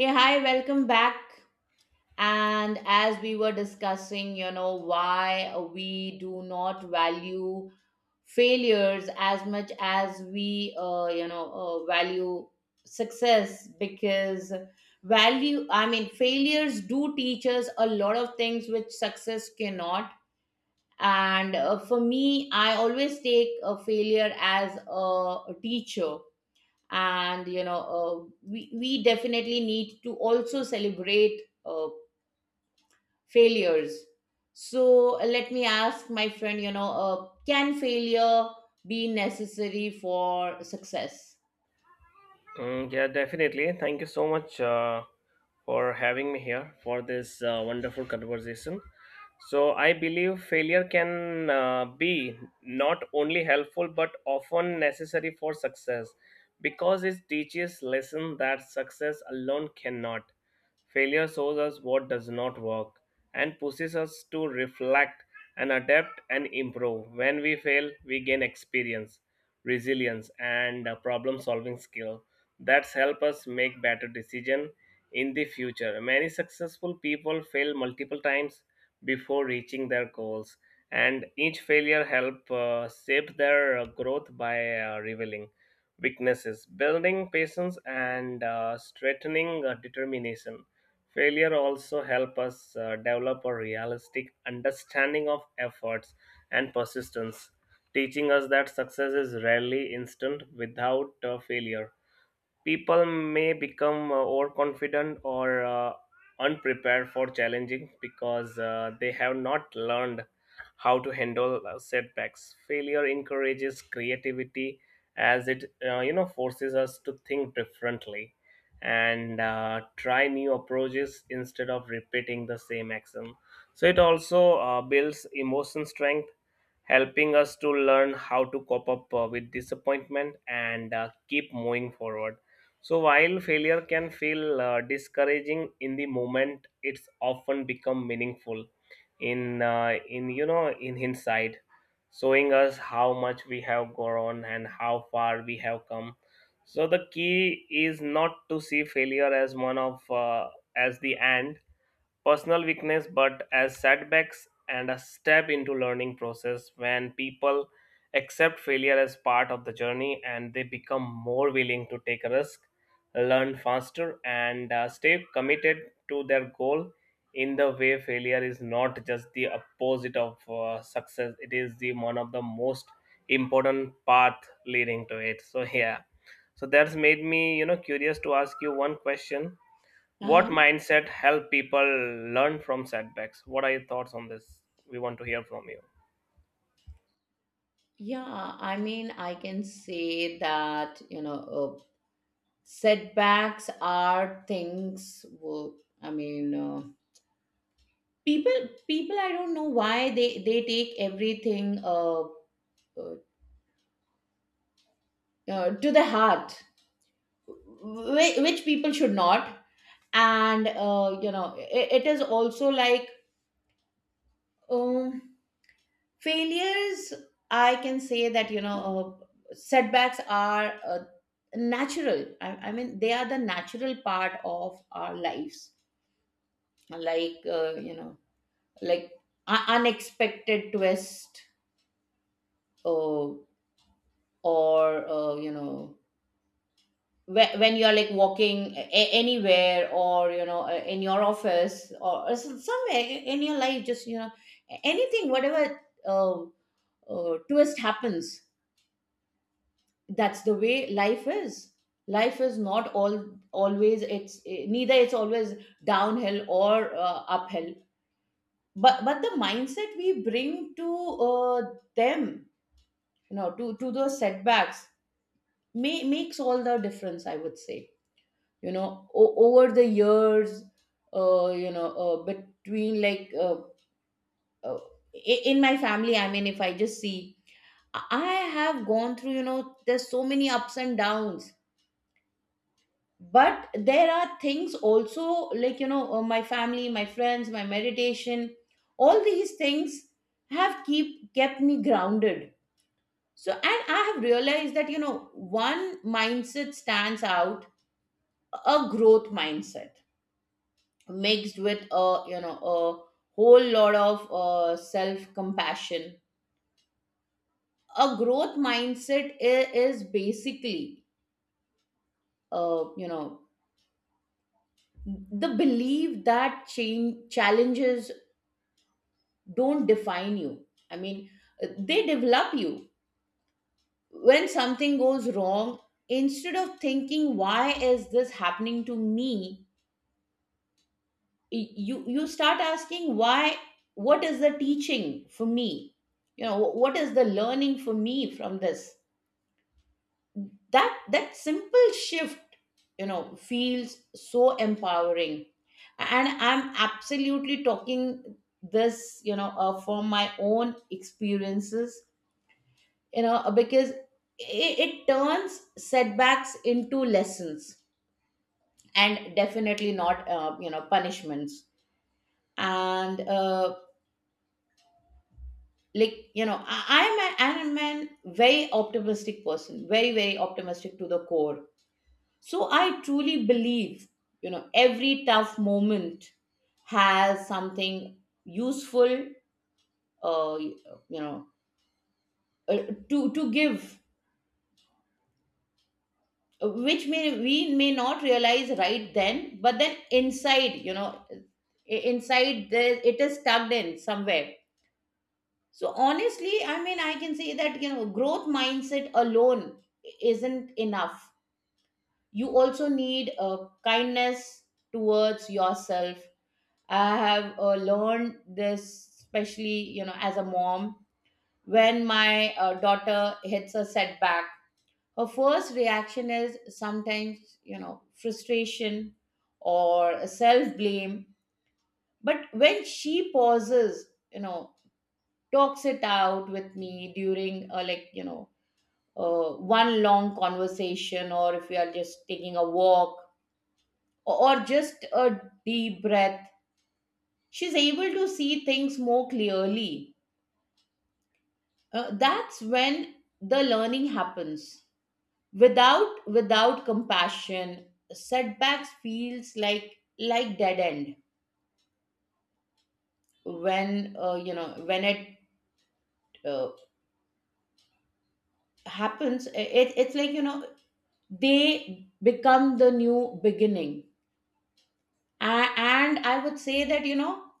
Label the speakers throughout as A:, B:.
A: Yeah, hi, welcome back. And as we were discussing, you know, why we do not value failures as much as we, value success because I mean, failures do teach us a lot of things which success cannot. And for me, I always take a failure as a teacher, and we definitely need to also celebrate failures. So let me ask my friend, can failure be necessary for success?
B: Mm, yeah, definitely. Thank you so much for having me here for this wonderful conversation. So, I believe failure can be not only helpful but often necessary for success because it teaches lesson that success alone cannot. Failure shows us what does not work and pushes us to reflect and adapt and improve. When we fail, we gain experience, resilience, and problem solving skill that's help us make better decision in the future. Many successful people fail multiple times before reaching their goals, and each failure help shape their growth by revealing weaknesses, building patience, and strengthening determination. Failure also help us develop a realistic understanding of efforts and persistence, teaching us that success is rarely instant. Without failure, people may become overconfident or unprepared for challenging because they have not learned how to handle setbacks. Failure encourages creativity as it forces us to think differently and try new approaches instead of repeating the same action. So it also builds emotion strength, helping us to learn how to cope up with disappointment and keep moving forward. So while failure can feel discouraging in the moment, it's often become meaningful in in hindsight, showing us how much we have grown and how far we have come. So the key is not to see failure as one of as the end, personal weakness, but as setbacks and a step into learning process. When people accept failure as part of the journey, and they become more willing to take a risk, learn faster, and stay committed to their goal. In the way, failure is not just the opposite of success. It is the one of the most important path leading to it. So yeah, so that's made me curious to ask you one question. What
A: Uh-huh.
B: mindset help people learn from setbacks? What are your thoughts on this? We want to hear from you.
A: Yeah, I mean, I can say that, uh, setbacks are things. Well, I mean, people, I don't know why they take everything, uh, to the heart, which people should not. And it is also like, um, failures. I can say that, setbacks are natural. I mean they are the natural part of our lives, like, like unexpected twist, uh, or, when you're like walking anywhere, or in your office, or somewhere in your life, just anything, whatever uh, twist happens. That's the way life is. Life is not all always, neither it's always downhill or uphill, but the mindset we bring to uh, them, to those setbacks, makes all the difference, I would say. You know, over the years, uh, you know uh, between like uh, uh, in my family, I mean, if I just see, I have gone through, there's so many ups and downs. But there are things also, like, my family, my friends, my meditation, all these things have keep kept me grounded. So, and I have realized that, one mindset stands out: a growth mindset mixed with a you know a whole lot of self compassion. A growth mindset is basically, uh, you know the belief that change challenges don't define you. I mean, they develop you. When something goes wrong, instead of thinking why is this happening to me, you start asking why. What is the teaching for me? What is the learning for me from this? That simple shift, feels so empowering. And I'm absolutely talking this, from my own experiences, because it turns setbacks into lessons and definitely not, punishments. And like, I'm a very optimistic person, very very optimistic to the core. So I truly believe, every tough moment has something useful, uh, you know uh, to give, which may we may not realize right then, but then inside, inside there it is tucked in somewhere. So honestly, I mean, I can say that, growth mindset alone isn't enough. You also need a kindness towards yourself. I have learned this, especially, as a mom. When my daughter hits a setback, her first reaction is sometimes, frustration or self blame. But when she pauses, talks it out with me during, like, one long conversation, or if we are just taking a walk, or just a deep breath, she's able to see things more clearly. That's when the learning happens. Without compassion, setbacks feels like dead end. When uh, you know when it uh, happens, it's like, they become the new beginning. And I would say that,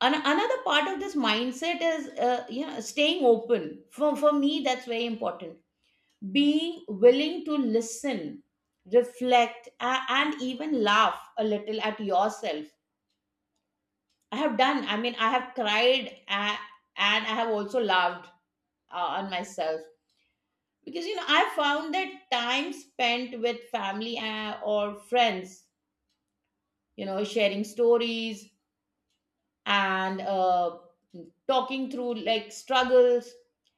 A: Another part of this mindset is, staying open. For me, that's very important: being willing to listen, reflect, and even laugh a little at yourself. I mean, I have cried, and I have also laughed on myself, because, I found that time spent with family, or friends, sharing stories, and talking through like struggles,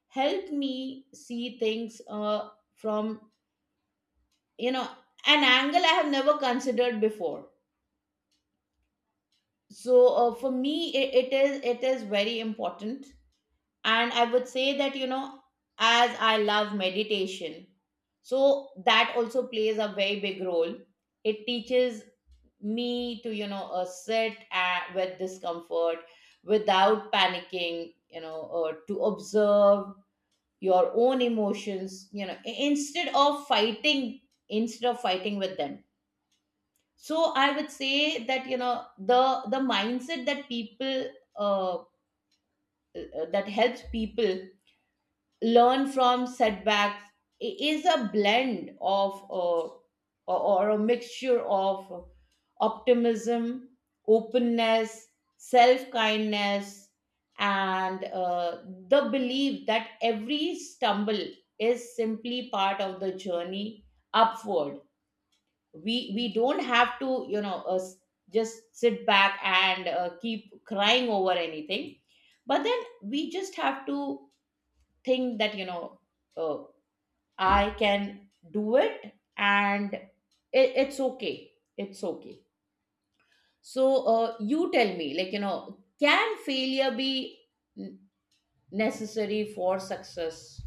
A: help me see things from, you know an angle I have never considered before. So for me, it is very important. And I would say that, as I love meditation, so that also plays a very big role. It teaches me to, sit with discomfort without panicking, to observe your own emotions, instead of fighting with them. So I would say that, the mindset uh, that helps people learn from setbacks is a blend of, or a mixture of optimism, openness, self kindness, and the belief that every stumble is simply part of the journey upward. We don't have to, just sit back and keep crying over anything, but then we just have to think that, uh, I can do it, and it's okay. It's okay. So you tell me, like, can failure be n- necessary for success?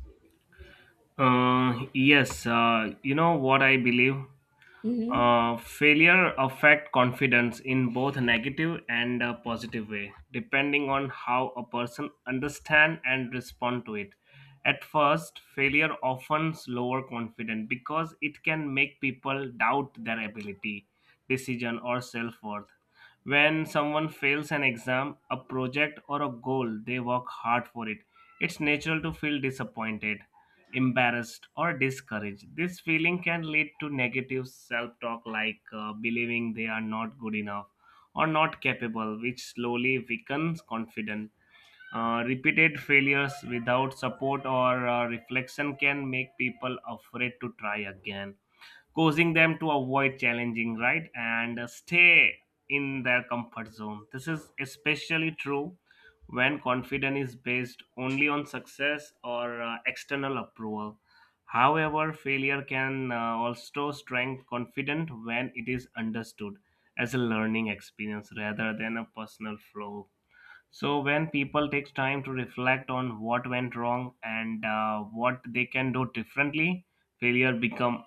B: Yes, what I believe?
A: Hmm.
B: Failure affect confidence in both negative and positive way, depending on how a person understand and respond to it. At first, failure often lower confidence because it can make people doubt their ability, decision, or self worth. When someone fails an exam, a project, or a goal, they work hard for it. It's natural to feel disappointed, embarrassed, or discouraged. This feeling can lead to negative self talk, like believing they are not good enough or not capable, which slowly weakens confidence. Repeated failures without support or reflection can make people afraid to try again, causing them to avoid challenging right and stay in their comfort zone. This is especially true when confidence is based only on success or external approval. However, failure can also strengthen confidence when it is understood as a learning experience rather than a personal flaw. So when people takes time to reflect on what went wrong and what they can do differently, failure become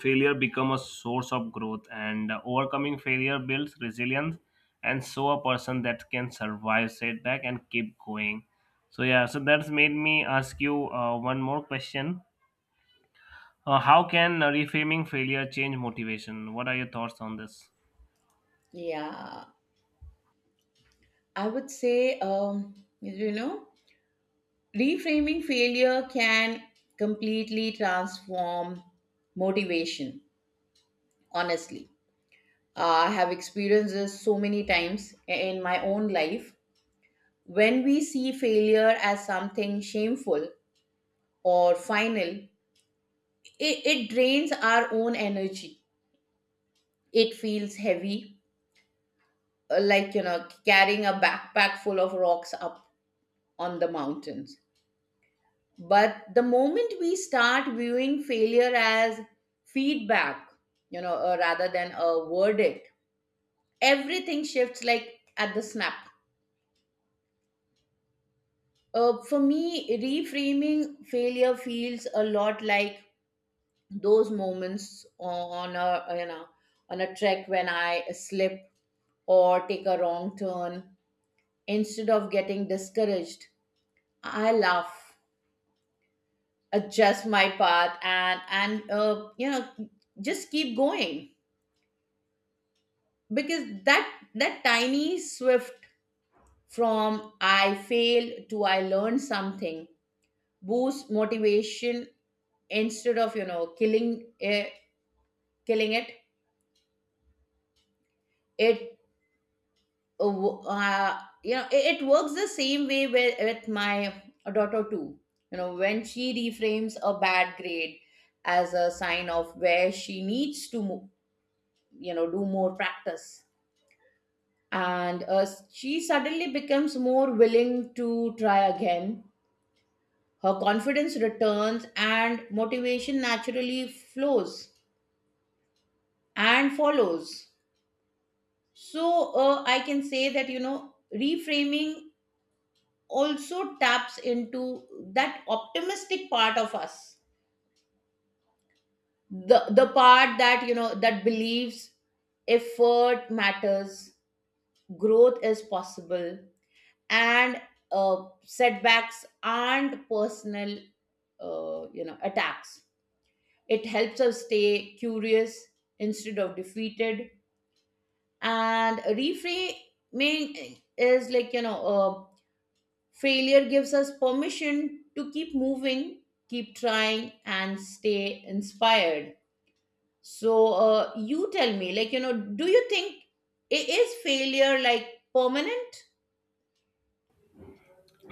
B: failure become a source of growth, and overcoming failure builds resilience, and so a person that can survive setback and keep going. So yeah, so that's made me ask you one more question. How can reframing failure change motivation? What are your thoughts on this?
A: Yeah, I would say, you know reframing failure can completely transform motivation, honestly. I have experienced this so many times in my own life. When we see failure as something shameful or final, it drains our own energy. It feels heavy, like, carrying a backpack full of rocks up on the mountains. But the moment we start viewing failure as feedback, rather than a verdict, everything shifts like at the snap. For me, reframing failure feels a lot like those moments on a trek when I slip or take a wrong turn. Instead of getting discouraged, I laugh, adjust my path, and just keep going, because that tiny swift from I fail to I learn something boosts motivation instead of, killing it, killing it. It uh, wo- uh, you know it, it works the same way with, my daughter too. When she reframes a bad grade as a sign of where she needs to, do more practice, and she suddenly becomes more willing to try again. Her confidence returns and motivation naturally flows and follows. So, I can say that, reframing also taps into that optimistic part of us, the part that, that believes effort matters, growth is possible, and setbacks aren't personal, attacks. It helps us stay curious instead of defeated. And reframing is like, failure gives us permission to keep moving, keep trying, and stay inspired. So, you tell me, like, do you think it is failure like permanent?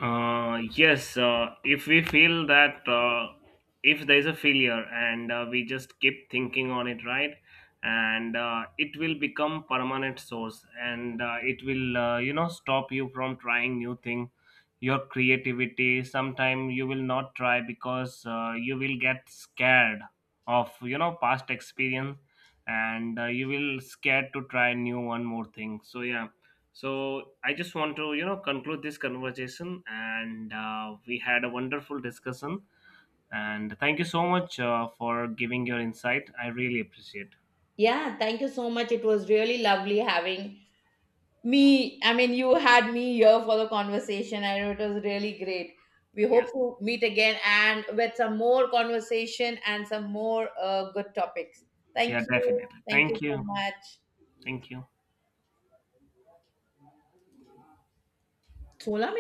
B: Yes, if we feel that if there is a failure, and we just keep thinking on it, right, and it will become permanent source, and it will, stop you from trying new thing, your creativity. Sometime you will not try because you will get scared of, past experience, and you will scared to try new one more thing. So yeah, so I just want to conclude this conversation, and we had a wonderful discussion. And thank you so much for giving your insight. I really appreciate.
A: Yeah, thank you so much. It was really lovely having me. I mean, you had me here for the conversation, I know it was really great. We
B: Yes,
A: hope to meet again, and with some more conversation and some more good topics. Thank
B: yeah, definitely.
A: you. Thank
B: Thank
A: you so
B: you.
A: much.
B: Thank you.
A: 除了